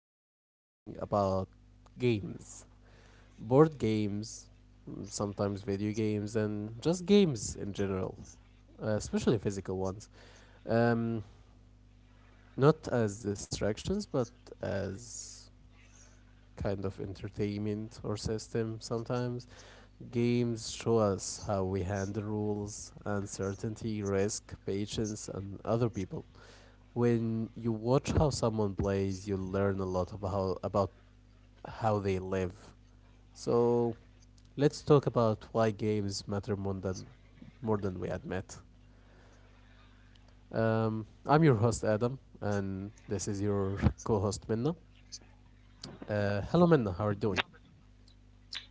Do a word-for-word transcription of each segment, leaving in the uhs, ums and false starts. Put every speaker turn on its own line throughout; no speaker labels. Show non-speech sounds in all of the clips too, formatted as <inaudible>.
are talking about games, board games, mm, sometimes video games, and just games in general, uh, especially physical ones. Um, not as distractions, but as kind of entertainment or system sometimes. Games show us how we handle rules, uncertainty, risk, patience, and other people when you watch how someone plays, you learn a lot about how, about how they live. So let's talk about why games matter more than more than we admit. Um, I'm your host Adam, and this is your <laughs> co-host Minna. Uh, hello Minna, how are you doing?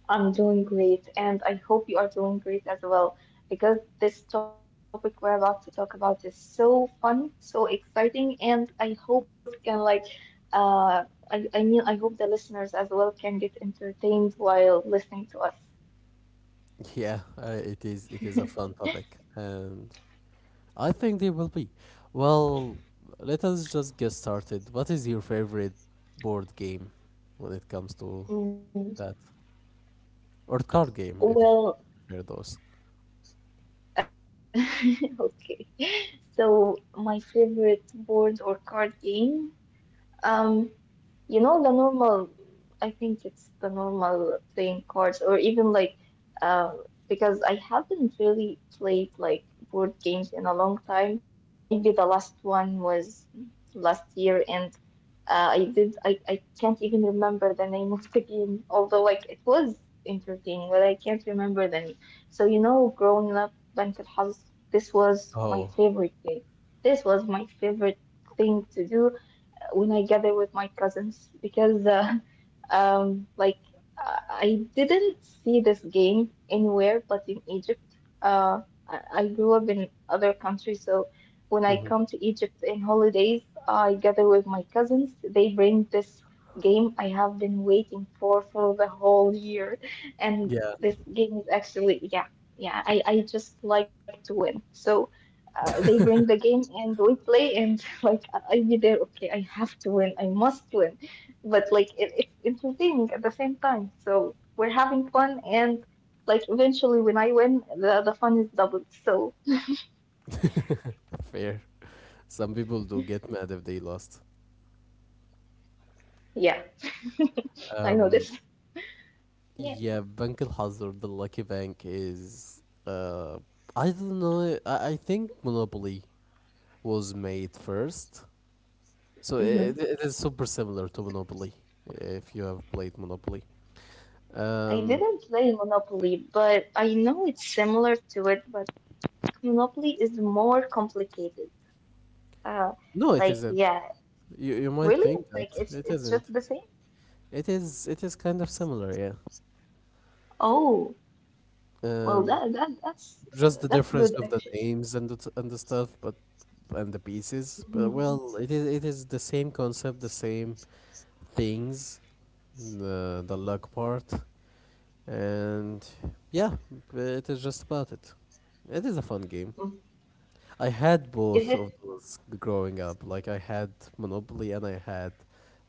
I'm doing great, and I hope you are doing great as well because this topic we're about to talk about is so fun, so exciting, and I hope <laughs> we both can like uh I, I mean I hope the listeners as well can get entertained while listening to us.
<laughs> Yeah, uh, it is it is a fun topic, and I think they will be. Well, let us just get started. What is your favorite board game when it comes to
Mm,
that, or card game if
Well,
there are those?
uh <laughs> okay. So my favorite board or card game. Um You know, the normal, I think it's the normal playing cards, or even like, um, because I haven't really played like board games in a long time. Maybe the last one was last year, and uh, I did, I, I can't even remember the name of the game, although like it was entertaining, but I can't remember the name. So, you know, growing up, Bank House, this was my
Oh,
favorite game. This was my favorite thing to do when I gather with my cousins, because uh, um like I I didn't see this game anywhere but in Egypt. Uh, I, I grew up in other countries, so when I
hmm,
come to Egypt in holidays, I gather with my cousins. They bring this game I have been waiting for for the whole year, <laughs> and
yeah,
this game is actually, yeah, yeah, I I just like to win. So uh, they bring the game and we play, and <laughs> like I- I'll be there. Okay, I have to win. I must win. But like it, it's entertaining at the same time. So we're having fun, and like eventually when I win, the the fun is doubled. So
fair. Some people do get mad if they lost.
yeah, I know this.
Um,
Yeah,
yeah, Bank Al Hazard, the lucky bank, is. Uh, I don't know. I, I think Monopoly was made first. So
mm-hmm.
it, it is super similar to Monopoly if you have played Monopoly.
I
Um,
didn't play Monopoly, but I know it's similar to it. But Monopoly is more complicated. Uh,
no, it
like
isn't.
yeah,
You, you might
really?
think that.
Like it's
It
it's just
isn't.
the same.
It is it is kind of similar, yeah.
Oh. Well,
Um,
that, that that's uh,
just the
that's
difference
good
of the
actually.
names and the t- and the stuff, but and the pieces. But
Mhm.
well, it is it is the same concept, the same things, the the luck part, and yeah, it is just about it. It is a fun game.
mm
I had
Is
both of
it?
those g- growing up. Like I had Monopoly and I had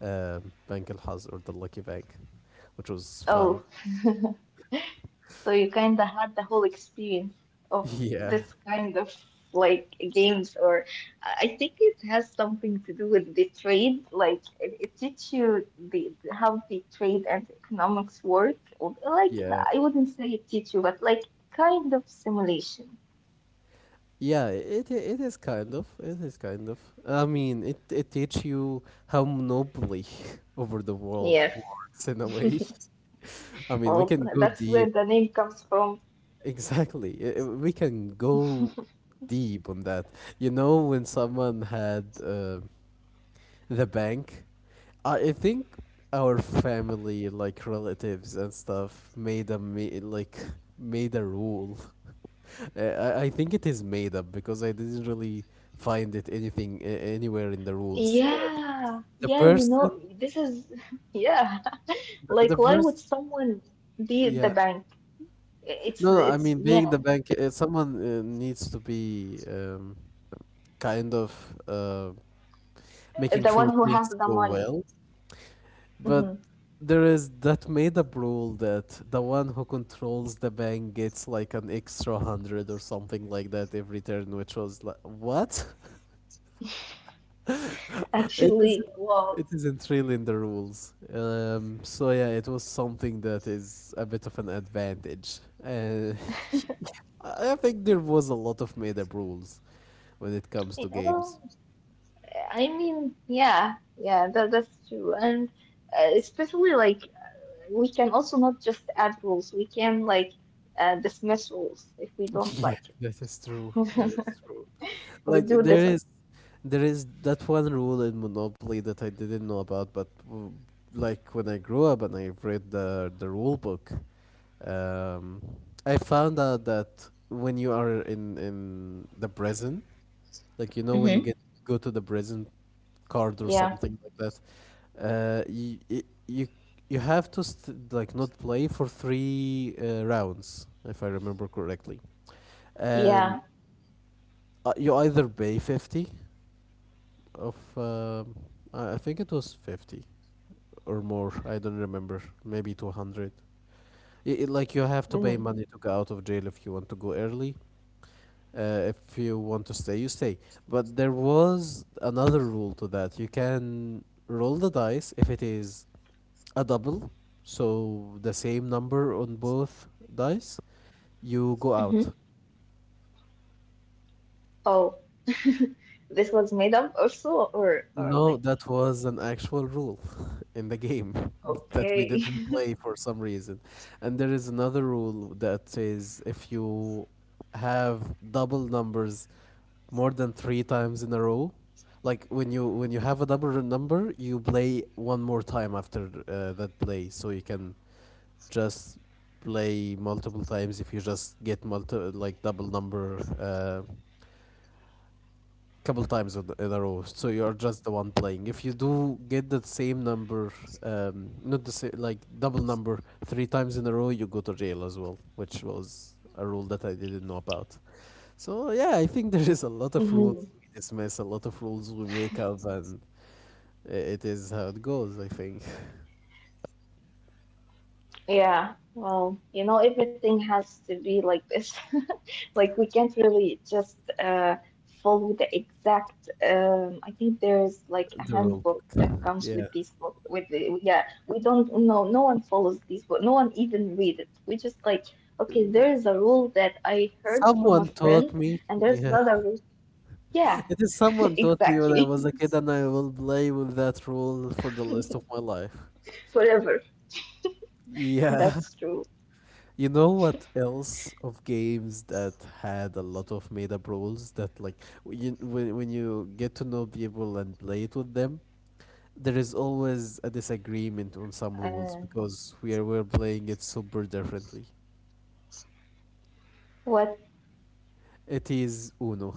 um, Bank Al Haz or the Lucky Bank, which was fun.
Oh, so you kind of had the whole experience of
<laughs> Yeah,
this kind of like games, or I I think it has something to do with the trade. Like it, it teaches you the how the trade and economics work. Or, like
yeah.
I wouldn't say it teach you, but like kind of simulation.
Yeah, it i- it is kind of. It is kind of. I mean, it it teach you how monopoly <laughs> over the world
Yes.
works in a way. <laughs> I mean, we
Well,
can go
that's where
deep.
the name comes from.
Exactly. I- I- we can go deep on that. You know, when someone had uh, the bank. I I think our family, like relatives and stuff, made a me like made a rule. <laughs> Uh, I I think it is made up because I didn't really find it anything uh, anywhere in the rules. Uh,
Yeah,
the
yeah, you know,
person,
this is <laughs> yeah. <laughs>
the,
Like
the
why would
person,
someone be the
yeah.
bank? It's
No, no. I
it's
mean,
yeah,
being the bank, uh, someone uh, needs to be um, kind of uh, making
the
sure
one who has
things
the
go
money.
well. But
hmm
there is that made up rule that the one who controls the bank gets like an extra hundred or something like that every turn, which was like what? <laughs> it is
Actually, well,
it isn't really in the rules. Um, so yeah, it was something that is a bit of an advantage. And <laughs> I I think there was a lot of made up rules when it comes
you
to
know,
games.
well, I mean, yeah, yeah, that that's true. And uh, especially like uh, we can also not just add rules. We can like uh, dismiss rules if we don't
<laughs> Yeah,
like it.
that is true. That is true.
We
Like
do
there
this a
is,
lot.
there is that one rule in Monopoly that I didn't know about, but w- like when I grew up and I read the the rule book, um, I found out that when you are in in the prison, like you know when you
Hmm.
get go to the prison card or
Yeah,
something like that, uh, you you you have to st- like not play for three uh, rounds, if I remember correctly, and
yeah.
uh, you either pay fifty of um, I I think it was fifty or more. I don't remember. Maybe two hundred. I I like you have to pay
Hmm.
money to get out of jail if you want to go early. Uh, if you want to stay, you stay. But there was another rule to that. You can roll the dice if it is a double, so the same number on both dice, you go out.
Oh, <laughs> this was made up also, or or
No,
like
that was an actual rule <laughs> in the game <laughs> that we
okay.
didn't play for some reason. And there is another rule that says if you have double numbers more than three times in a row, like when you when you have a double number, you play one more time after uh, that play, so you can just play multiple times if you just get multi like double number uh, couple times in in a row, so you're just the one playing if you do get the same number, um not the same like double number three times in a row, you go to jail as well, which was a rule that I didn't know about. So yeah, I think there
<laughs>
is a lot
Hmm.
of rules we dismiss, a lot of rules we make up, and i- it is how it goes, I think.
Yeah. Well, you know, everything has to be like this. <laughs> Like we can't really just uh follow the exact. Um, I think there's like a
<laughs> The
handbook
rule
that
book,
comes with
yeah.
these book with the yeah. We don't, no no one follows these book. No one even read it. We just like okay. There is a rule that I heard from a
Someone
friend,
taught me,
and there's
yeah.
another rule. Yeah,
<laughs> It is someone
<laughs>
taught me when
exactly.
I was a kid and I will play with that rule for the rest of my life,
<laughs> Forever.
yeah.
That's true.
You know what else of games that had a lot of made-up rules that like w- you, when when you get to know people and play it with them, there is always a disagreement on
Uh,
some rules because we are we're playing it super differently.
what?
It is Uno.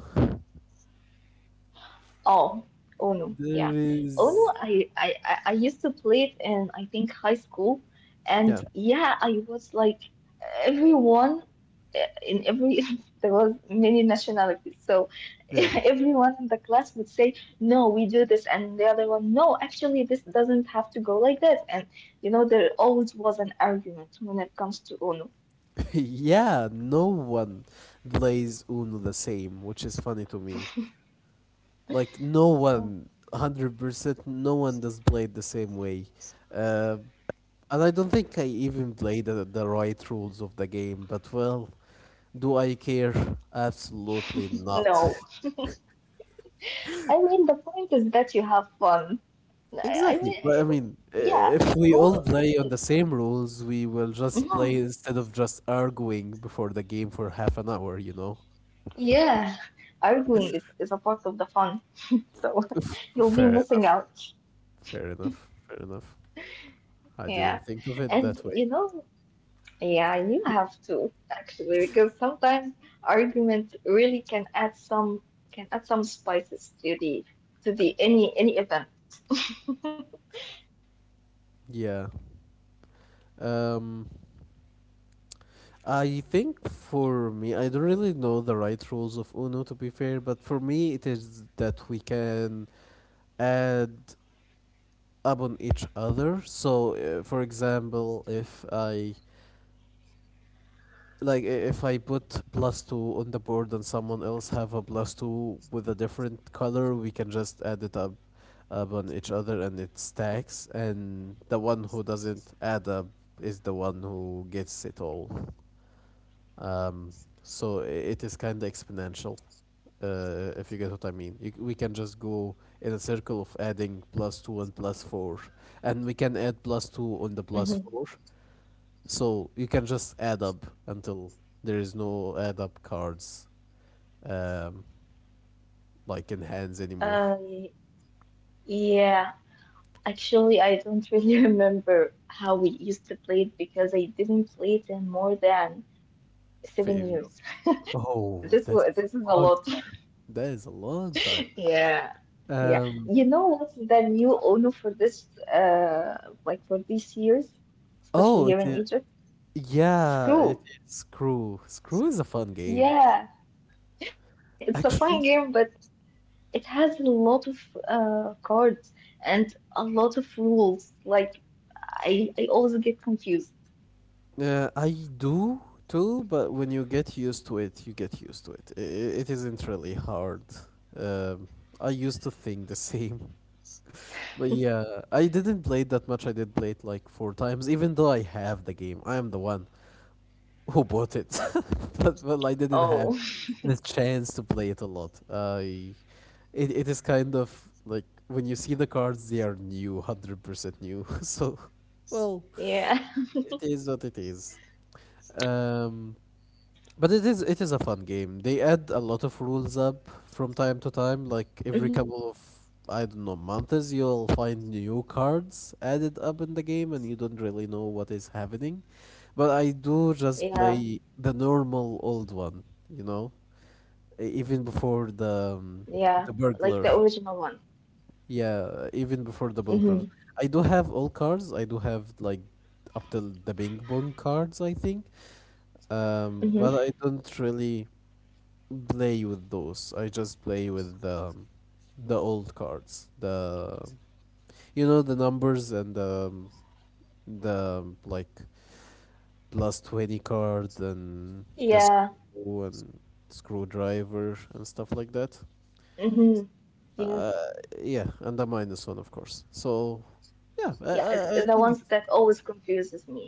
Oh, Ono.
There
Yeah,
is
Ono. I, I I I used to play it in I think high school, and
yeah,
yeah, I was like everyone, uh, in every <laughs> there was many nationalities, so
yeah.
<laughs> everyone in the class would say, "No, we do this," and the other one, "No, actually, this doesn't have to go like that." And you know, there always was an argument when it comes to Ono.
<laughs> Yeah. No one plays Uno the same, which is funny to me. Like no, one hundred percent no one does play it the same way. uh, and I don't think I even play the, the right rules of the game, but well, do I care? Absolutely not.
No, I mean the point is that you have fun.
<laughs>
I, I
Exactly.
mean,
But I
I-
mean, uh,
yeah,
if we
who?
all play on the same rules, we will just play
Mhm.
instead of just arguing before the game for half an hour, you know.
Yeah, arguing is, is a part of the fun, so
<laughs> F-
<laughs> you'll be
fair
missing
enough,
out.
fair enough, fair enough. I
Yeah,
didn't think of
and
it
you
that way,
know, yeah, you have to actually, because sometimes argument really can add some can add some spices to the to the any any event.
yeah. um I think for me, I don't really know the right rules of Uno to be fair, but for me, it is that we can add up on each other. So, uh, for example, if I like i- if I put plus two on the board and someone else have a plus two with a different color, we can just add it up up on each other and it stacks. And the one who doesn't add up is the one who gets it all. Um, so it is kind of exponential, uh, if you get what I mean. You, c- we can just go in a circle of adding plus two and plus four, and we can add plus two
<laughs>
on the
hmm
plus four. So you can just add up until there is no add up cards, um, like in hands anymore.
Uh, yeah. Actually, I don't really <laughs> remember how we used to play it because I didn't play it in more than seven
Failure.
years. <laughs>
Oh,
Th- This
that
was
is a
this is a
long
lot.
time.
<laughs>
That is a long time.
Yeah, yeah.
Um,
You know what's the new Uno for this uh like for these years, especially
oh,
here
it
in
is.
Egypt?
Yeah,
Screw.
it is Screw. Screw is a fun game.
Yeah, <laughs> it's a fun
Actually,
game, but it has a lot of uh cards and a lot of rules. Like I I always get confused.
Uh, I do too, but when you get used to it, you get used to it. I i- it isn't really hard. Um, I used to think the same. <laughs> But yeah, I didn't play it that much. I did play it like four times, even though I have the game. I am the one who bought it. <laughs> But well, I didn't have
Oh,
the chance to play it a lot. I it, it is kind of like when you see the cards, they are new, one hundred percent new. <laughs> So, well.
<laughs> yeah.
It is what it is. Um, but it is it is a fun game. They add a lot of rules up from time to time. Like every
Mhm.
couple of I don't know months, you'll find new cards added up in the game, and you don't really know what is happening. But I do just
Yeah,
play the normal old one, you know, e- even
yeah,
before
like the
the um,
original one.
the burglar. Yeah,
Mm-hmm.
even before the Bulgars. I do have all cards. I do have like up till the Bing Bong cards, I think.
Mm-hmm.
Um, but I don't really play with those. I just play with um, the old cards. The you know the numbers and the um, the um, like plus twenty card and the
Yeah.
screw and screwdriver and stuff like that.
Mm-hmm. Yes.
Uh, yeah, and the minus one, of course. So
Yeah,
yeah, I,
th- the ones
I I
that
think it is.
always confuses me. Yeah.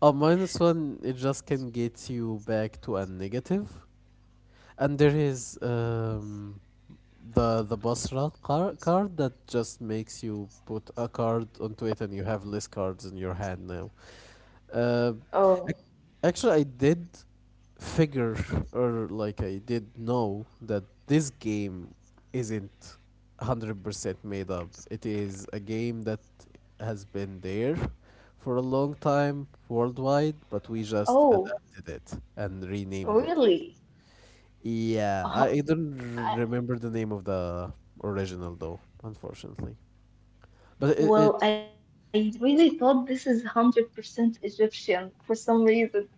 A minus one, it just can get you back to a negative. And there is um, the the Basra car- card that just makes you put a card onto it and you have less cards in your hand now. Uh,
Oh.
ac- actually, I did figure <laughs> or like I did know that this game isn't one hundred percent made up. It is a game that has been there for a long time worldwide, but we just
Oh,
adapted it and renamed it.
really?
Yeah, I I
Uh,
don't r-
I,
remember the name of the original though, unfortunately. But it, it
well, I really thought this is one hundred percent Egyptian for some reason.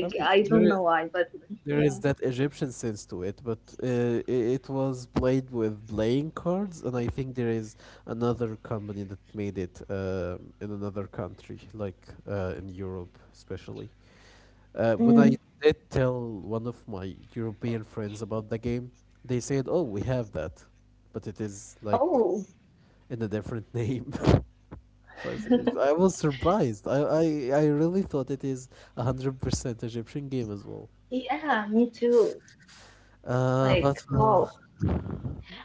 I mean,
I
there
don't
is.
know why, but
There is
yeah.
that Egyptian sense to it, but uh, i- it was played with playing cards, and I think there is another company that made it uh, in another country, like uh, in Europe, especially. Uh, when
Mm.
I did tell one of my European friends about the game, they said, "Oh, we have that," but it is like
Oh,
in a different <laughs> name. so I, s- I was surprised. I, I, I really thought it is a hundred percent Egyptian game as well.
yeah, me too.
Uh, but
Like,
well,
wow.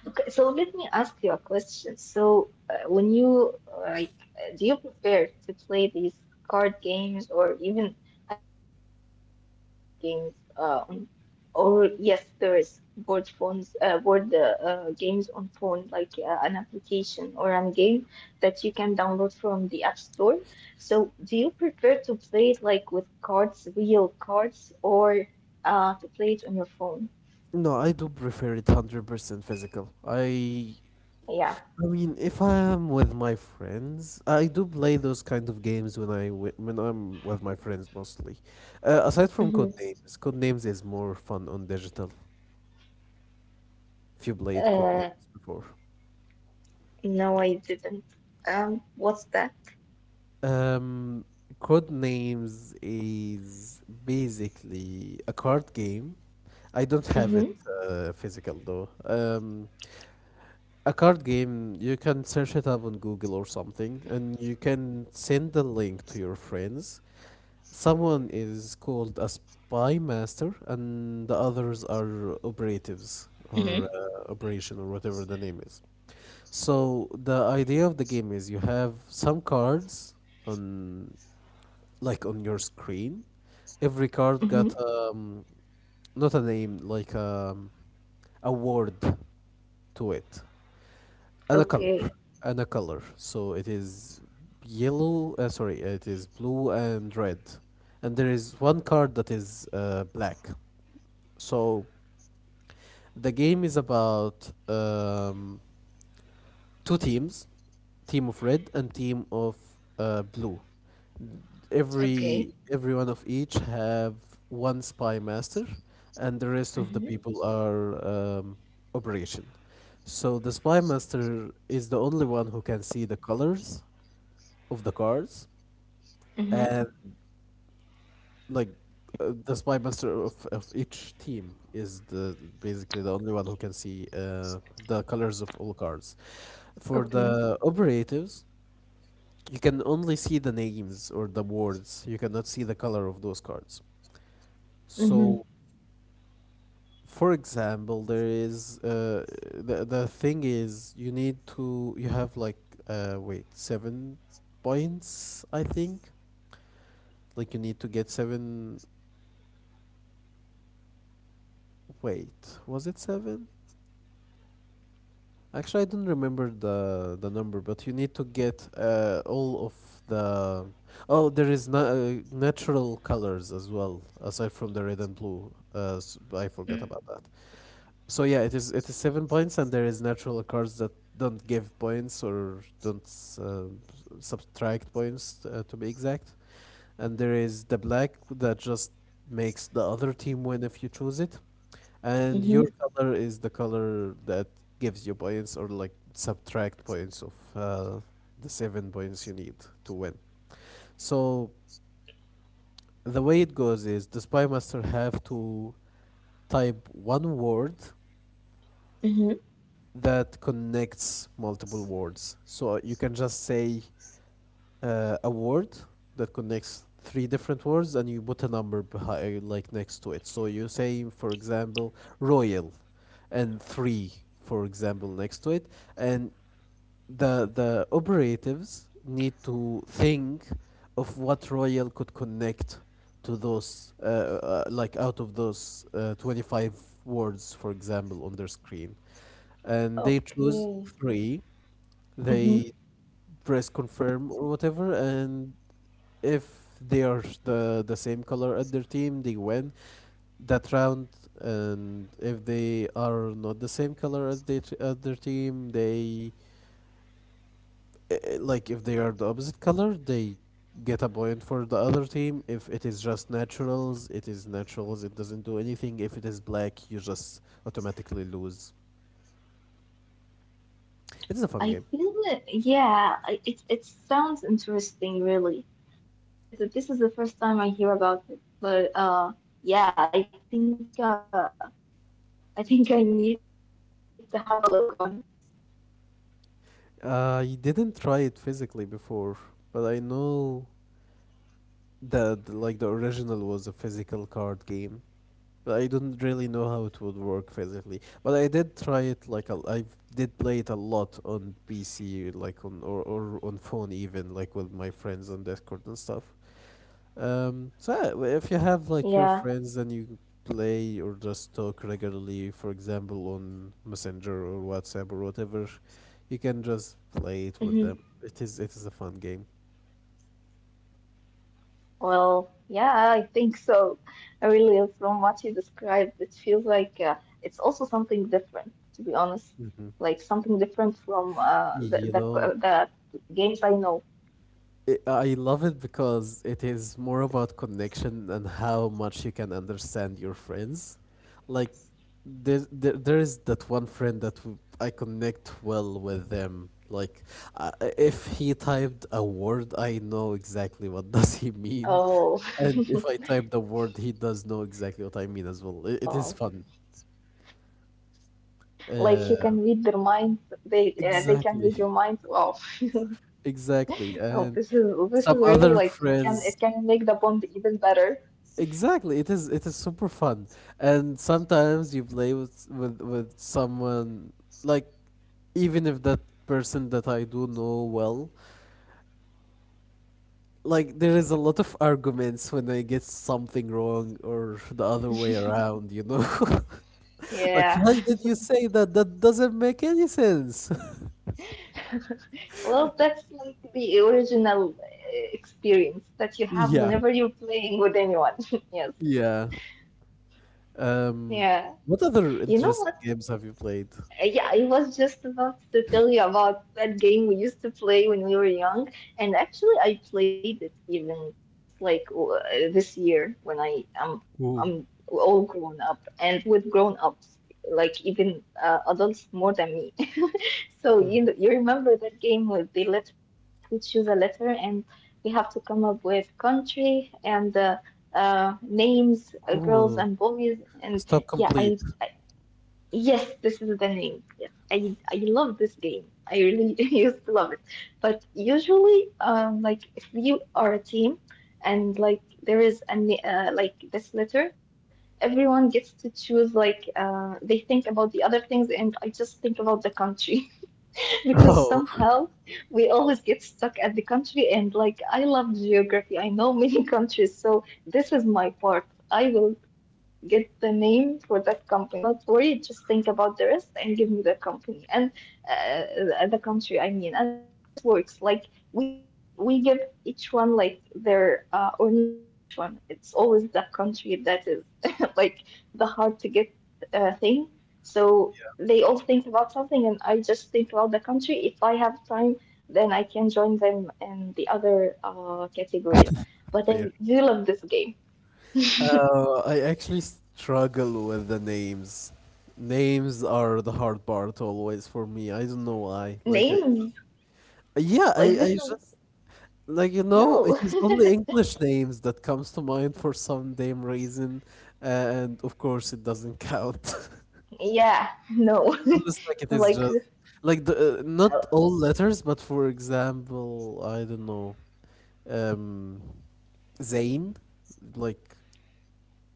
Okay, so let me ask you a question. So, uh, when you uh, like, uh, do you prefer to play these card games or even? I think it's hard to find board games. Um, or yes, there is board phones, uh, board uh, uh, games on phone, like uh, an application or a game that you can download from the App Store. So, do you prefer to play it like with cards, real cards, or uh, to play it on your phone?
No, I do prefer it one hundred percent physical. I
Yeah.
I mean, if I am with my friends, I do play those kind of games when I wi- when I'm with my friends mostly. Uh, aside from
Mm-hmm.
code names, code names is more fun on digital. If you played code
Uh,
names before,
No, I didn't. Um, what's that?
um, code names is basically a card game. I don't have it
Mm-hmm.
uh, physical though. Um, a card game, you can search it up on Google or something, and you can send the link to your friends. Someone is called a spy master, and the others
Mm-hmm.
are operatives or uh, operation or whatever the name is. So the idea of the game is you have some cards on like on your screen. Every card
Mm-hmm.
got um, not a name like um, a word to it, and a color
Okay.
and a color so it is yellow uh, sorry it is blue and red, and there is one card that is uh, black. So the game is about um, two teams, team of red and team of uh, blue. Every
Okay.
every one of each have one spy master, and the rest of the
Mm-hmm.
people are um, operation. So the spy master is the only one who can see the colors of the cars,
Mm-hmm.
and like uh, the spy master of, of each team is the basically the only one who can see uh, the colors of all cars. For
Okay.
the operatives, you can only see the names or the words. You cannot see the color of those cards.
Mm-hmm.
So, for example, there is uh, the the thing is you need to you have like uh wait seven points I think. Like you need to get seven. Wait, was it seven? Actually, I don't remember the the number, but you need to get uh, all of the. Oh, there is na- uh, natural colors as well, aside from the red and blue. Uh, s I forgot about
Mm-hmm.
that. So yeah, it is it is seven points, and there is natural cards that don't give points or don't s- uh, s- subtract points uh, to be exact. And there is the black that just makes the other team win if you choose it. And your
Mm-hmm.
color is the color that gives you points or like subtract points of uh, the seven points you need to win. So the way it goes is the spy master have to type one word
Mm-hmm.
that connects multiple words. So you can just say uh, a word that connects three different words and you put a number behind like next to it. So you say for example royal and three for example next to it, and the the operatives need to think of what royal could connect to those uh, uh, like out of those uh, twenty-five words for example on their screen, and they choose
Okay.
three.
Mm-hmm.
They press confirm or whatever, and if they are the the same color at their team, they win that round, and if they are not the same color as they as their team, they uh, like if they are the opposite color, they get a point for the other team. If it is just naturals, it is naturals. It doesn't do anything. If it is black, you just automatically lose. It's a fun
I
game.
feel it. Yeah, I- it it sounds interesting, really. And it, this is the first time I hear about it. But uh, yeah, I think uh, I think I need to have a look on it.
Uh, I didn't try it physically before, but I know that like the original was a physical card game. But I don't really know how it would work physically. But I did try it like a, I did play it a lot on P C, like on or, or on phone even, like with my friends on Discord and stuff. Um, so
Yeah.
yeah, if you have like your friends and you play or just talk regularly, for example, on Messenger or WhatsApp or whatever, you can just play it with them. It is it is a fun game.
Well, yeah, I think so. I Really, from what you described, it feels like uh, it's also something different, to be honest.
Hmm.
Like something different from uh, the,
You
the
know,
the games I know.
it, I love it because it is more about connection and how much you can understand your friends. Like there, there, there is that one friend that w- I connect well with them. Like uh, if he typed a word, I know exactly what <laughs> does he mean,
Oh,
and if I type the word, he does know exactly what I mean as well. It, it is
<laughs>
fun.
wow! Like you
Uh,
can read their minds. They uh, they can
exactly.
read your mind. Wow! <laughs>
<laughs> Exactly, and
Oh, this is this
some
is
other
really, like it can
friends.
it can make the bond even better.
Exactly. It is it is super fun. And sometimes you play with with with someone like even if that person that I do know well, like there is a lot of arguments when I get something wrong or the other way around, you know. <laughs> Like
Yeah.
why did you say that? That doesn't make any sense. <laughs>
Well, that's like the original uh, experience that you have
Yeah.
whenever you're playing with anyone. <laughs> Yes.
Yeah. Um
Yeah.
what other
You know
interesting
what?
games have you played?
Uh, Yeah, I was just about to tell you about that game we used to play when we were young, and actually I played it even just like w- uh, this year when I am
Ooh.
I'm, all grown up and with grown ups, like even uh, adults more than me. So you know,
Mhm.
you remember that game with the letters? Like we choose a letter and we have to come up with country and uh, uh, names, uh, girls
Ooh.
and boys. And
Stop
yeah,
complete.
I, I yes, this is the name. Yes, I I love this game. I really <laughs> used to love it. But usually, um, like if you are a team, and like there is a na- uh, like this letter. Everyone gets to choose, like, uh, they think about the other things, and I just think about the country. <laughs> <laughs> because
Oh.
somehow we always get stuck at the country, and like I love geography. I know many <laughs> countries, so this is my part. I will get the name for that company. You do not worry, just think about the rest and give me the company and uh, the country I mean. And actually this works. Like we say, we, we give each one like their uh, or not each one. It's always the country that is <laughs> like the hard to get uh, thing. So they all think about something and I just think about the country. If I have time, then I can join them in the other uh, categories. But
Fair.
I do love this game.
uh, I actually struggle with the names. Names are the hard part always for me. I don't know why. Like I,
Names,
yeah,
like
I, I
this
just
is
like you know, it
no.
is only
<laughs>
English names that comes to mind for some damn reason, and of course it doesn't count <laughs>
Yeah, no. <laughs>
unless like it is
Like,
just like the uh,
uh,
not all letters, but for example, I don't know, um, Zane, like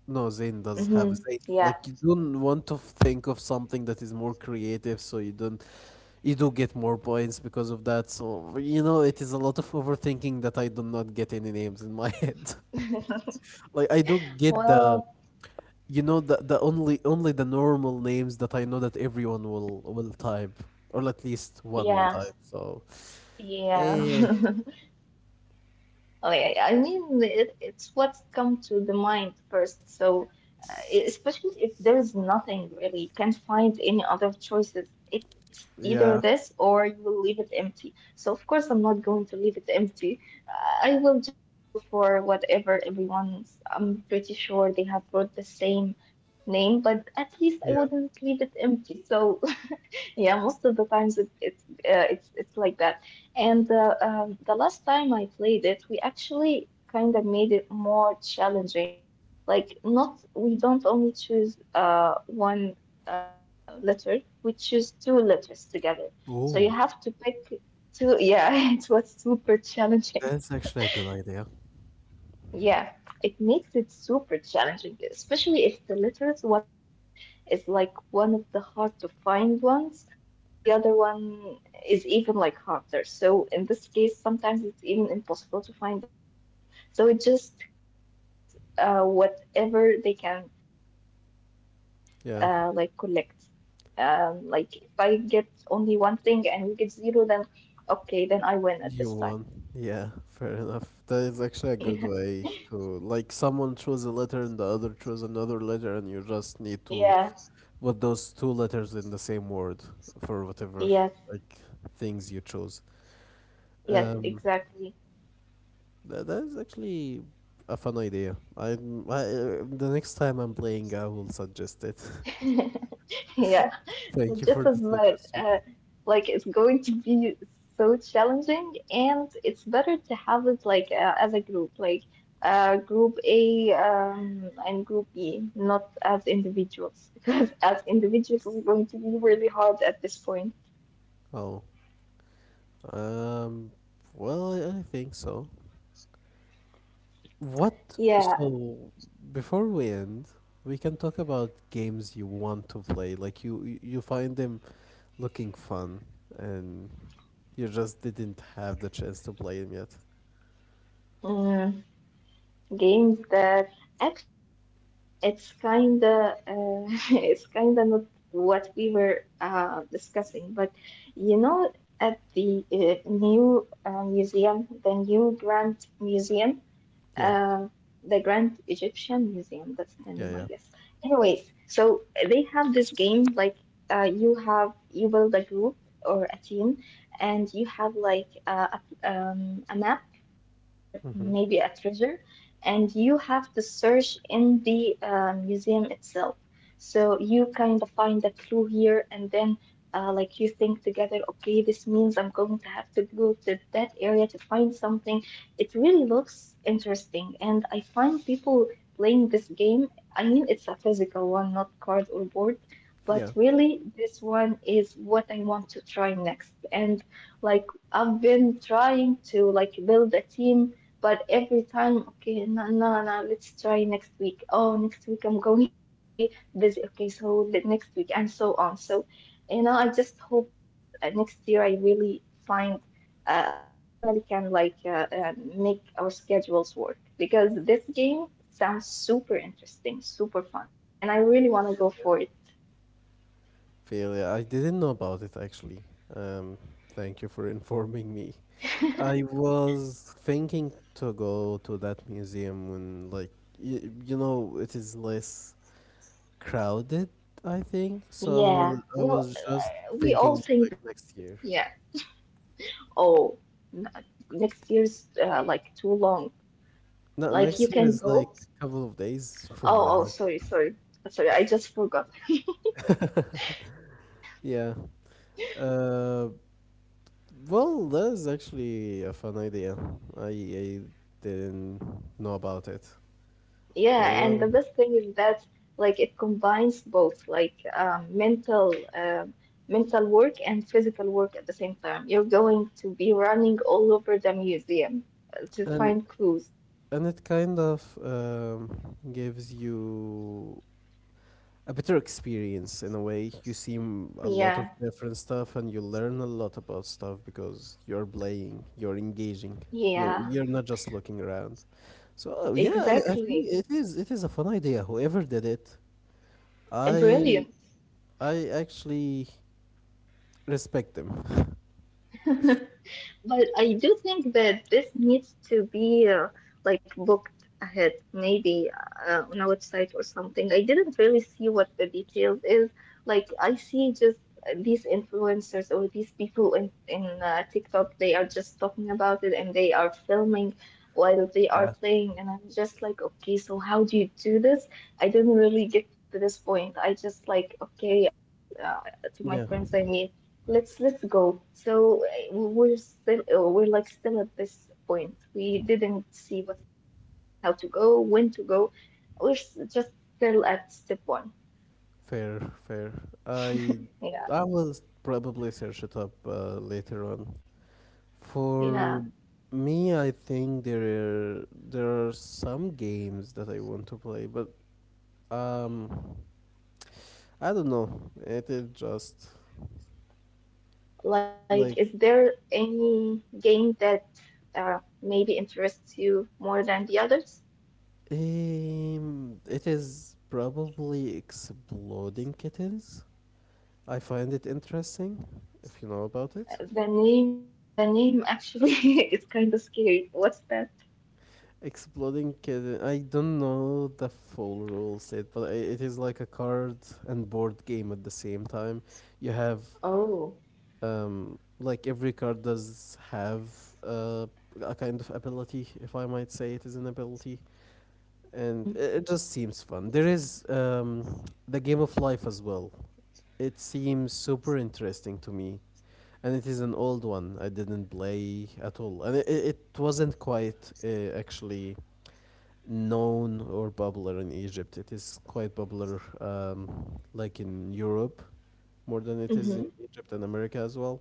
No, Zane does have
mhm,
Zane.
yeah.
Like you don't want to think of something that is more creative, so you don't you do get more points because of that. So you know, it is a lot of overthinking that I do not get any names in my <laughs> head.
<laughs>
Like I do get the
Well,
you know the the only only the normal names that I know that everyone will will type or at least one will
yeah,
type. So
yeah.
eh,
<laughs> Oh, yeah, yeah. I mean, it, it's what's come to the mind first. So uh, especially if there's nothing really, you can't find any other choices. It's either
yeah,
this or you will leave it empty. So, of course, I'm not going to leave it empty. Uh, I will just settle for whatever everyone's. I'm pretty sure they have got the same name, but at least I
yeah.
wouldn't leave it empty. So, yeah, most of the times it, it's uh, it's it's like that. And uh, um, the last time I played it, we actually kind of made it more challenging. Like not we don't only choose uh one uh letter, we choose two letters together. So you
Oh,
have to pick two. Yeah, <laughs> it was super challenging.
that's actually a good idea.
Yeah, it makes it super challenging, especially if the letters, one of them is like one of the hard to find ones, and the other one is even like harder. So in this case, sometimes it's even impossible to find anything. So it's just who can get uh, whatever they can uh, like collect.
Yeah.
Um, like if I get only one thing and you get zero, then okay, then I win at this time.
You won. Yeah, fair enough. That is actually a
<laughs>
good way to like someone chose a letter and the other chose another letter and you just need to
Yeah,
put those two letters in the same word for whatever
yes,
like things you chose.
yes,
Um
exactly.
that, that is actually a fun idea. I'm, I uh, the next time I'm playing I will suggest it. <laughs>
<laughs> Yeah. So
Thank you
just
for
as
the
that,
suggestion.
uh, like it's going to be so challenging, and it's better to have it like uh, as a group, like uh, group A um, and group B, not as individuals, <laughs> because as individuals it's going to be really hard at this point.
Oh. Um well I, I think so. What?
Yeah.
So, before we end, we can talk about games you want to play. Like you, you you find them looking fun, and you just didn't have the chance to play them yet.
Mm, games that actually It's kinda uh, <laughs> it's kinda not what we were uh, discussing, but you know, at the uh, new uh, museum, the new Grand Museum,
Yeah,
uh, the Grand Egyptian Museum. That's the
yeah,
name, I
yeah.
guess. Anyways, so they have this game like uh, you have you build a group or a team, and you have like uh, a um, a map for
Mm-hmm.
maybe a treasure, and you have to search in the uh, museum itself. So you kind of find a clue here, and then. Uh, like you think together, okay, this means I'm going to have to go to that area to find something, it really looks interesting, and I find people playing this game. I mean, it's a physical one, not card or board, but
Yeah.
really, this one is what I want to try next. And like, I've been trying to like build a team, but every time, okay, no, no, no, let's try next week. Oh, next week I'm going <laughs> to be busy. Okay, so the next week, and so on. So, you know, I just hope that uh, next year I really find uh, we finally can like uh, uh, make our schedules work because this game sounds super interesting, super fun, and I really want to go for it.
Failure. I didn't know about it actually. Um, thank you for <laughs> informing me. I was thinking to go to that museum when, like, you, you know, it is less crowded, I think. So I
Yeah,
was I
well,
was just
uh, we all
thinking
think
like
the
next
same.
year.
Yeah. Oh, n- next year's uh, like too long.
No,
Like you
next year
can
is like
go.
a couple of days from
Oh, oh,
now.
sorry, sorry, sorry. I just forgot. <laughs>
<laughs>
Sorry.
Yeah. Uh, well, that is actually a fun idea. I, I didn't know about it. Well,
Yeah, and
well,
the best thing is that like it combines both like um, mental um mental work and physical work at the same time. You're going to be running all over the museum uh, to
and
find clues.
and it kind of um, gives you a better experience in a way. You see m- a lot of
Yeah,
different stuff and you learn a lot about stuff because you're playing, you're engaging, you're
yeah,
you're not just looking around. So uh, yeah, I, I think
exactly.
it is it is a fun idea. Whoever did it, I
Brilliant.
I actually respect them. <laughs>
But I do think that this needs to be uh, like booked ahead, maybe uh, on a website or something. I didn't really see what the details is. Like I see just uh, these influencers or these people in in uh, TikTok, they are just talking about it and they are filming while they are
Yeah.
playing, and I'm just like, okay, so how do you do this? I didn't really get to this point. I just like, okay, uh, guys, uh, to my
Yeah.
friends I mean. Let's let's go. So uh, we're still uh, we're like still at this point. We didn't see what's the details, how to go, when to go. We're s- just still at step one.
Fair, fair. I
Yeah,
I will probably search it up uh, later on. For
yeah.
me, I think there are there are some games that I want to play, but um, I don't know. It is just
Like,
like
is there any game that uh, maybe interests you more than the others?
um, it is probably exploding kittens. I find it interesting, if you know about it.
Uh, The name, the name actually <laughs> is kind of scary. What's that?
Exploding kitten. I don't know the full rule set, but i- it is like a card and board game at the same time. You have
Oh.
um, like every card does have uh, a kind of ability, if I might say it is an ability, and
Mm-hmm.
it, it just seems fun. There is um, the game of life as well. It seems super interesting to me, and it is an old one. I didn't play at all, and it, it it wasn't quite uh, actually known or popular in Egypt. It is quite popular, um, like in Europe more than it is in
Mm-hmm.
Egypt and America as well.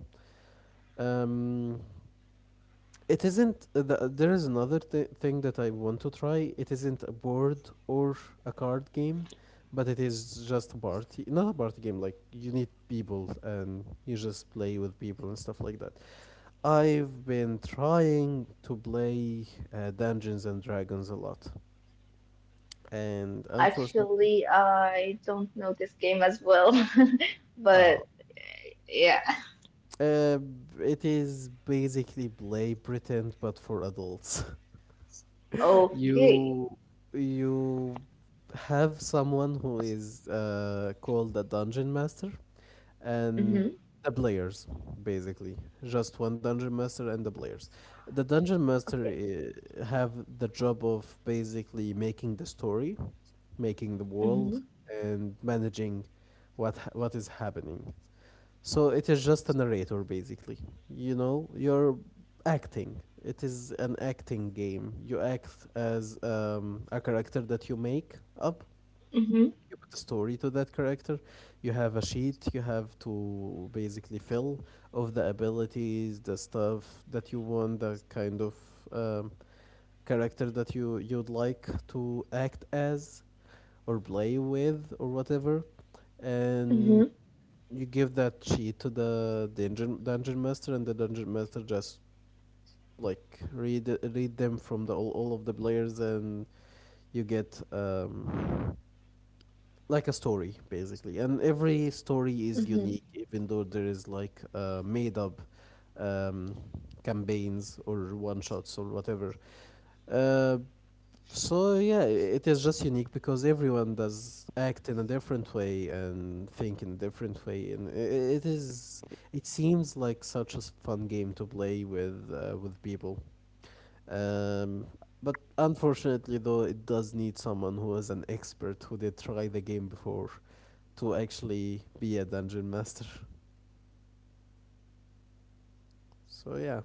Um, It isn't. uh, th- There is another th- thing that I want to try. It isn't a board or a card game, but it is just a party. Not a party game. Like you need people and you just play with people and stuff like that. I've been trying to play uh, Dungeons and Dragons a lot, and unfortunately,
Actually, I don't know this game as well, <laughs>
oh,
but yeah.
uh, it is basically play pretend but for adults.
Okay.
You you have someone who is uh, called a dungeon master, and
Mm-hmm.
the players basically just one dungeon master and the players the dungeon master
Okay.
uh, have the job of basically making the story, making the
Mm-hmm.
world, and managing what ha- what is happening, so it is just a narrator, basically. You know, you're acting. It is an acting game. You act as um, a character that you make up.
Mm-hmm.
You put a story to that character. You have a sheet you have to basically fill of the abilities, the stuff that you want, the kind of um, character that you you'd like to act as or play with or whatever, and
Mm-hmm.
you give that sheet to the dungeon dungeon master, and the dungeon master just like read read them from the all, all of the players, and you get um, like a story basically. And every story is
Mm-hmm.
unique, even though there is like uh, made up um, campaigns or one shots or whatever. Uh, so yeah, it is just unique because everyone does act in a different way and think in a different way, and i- it is. It seems like such a s- fun game to play with uh, with people. Um, but unfortunately, though, it does need someone who
Mm-hmm.
is an expert who did try the game before to actually be a dungeon master. So yeah,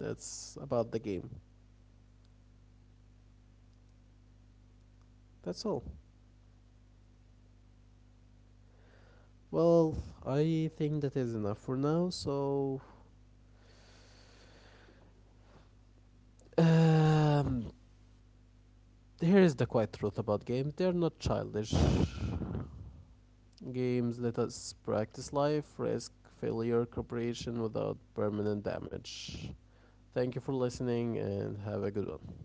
that's about the game. That's all. Well, I think that is enough for now. So um, here's the quiet truth about games: they're not childish. Games let us practice life, risk, failure, cooperation without permanent damage. Thank you for listening and have a good one.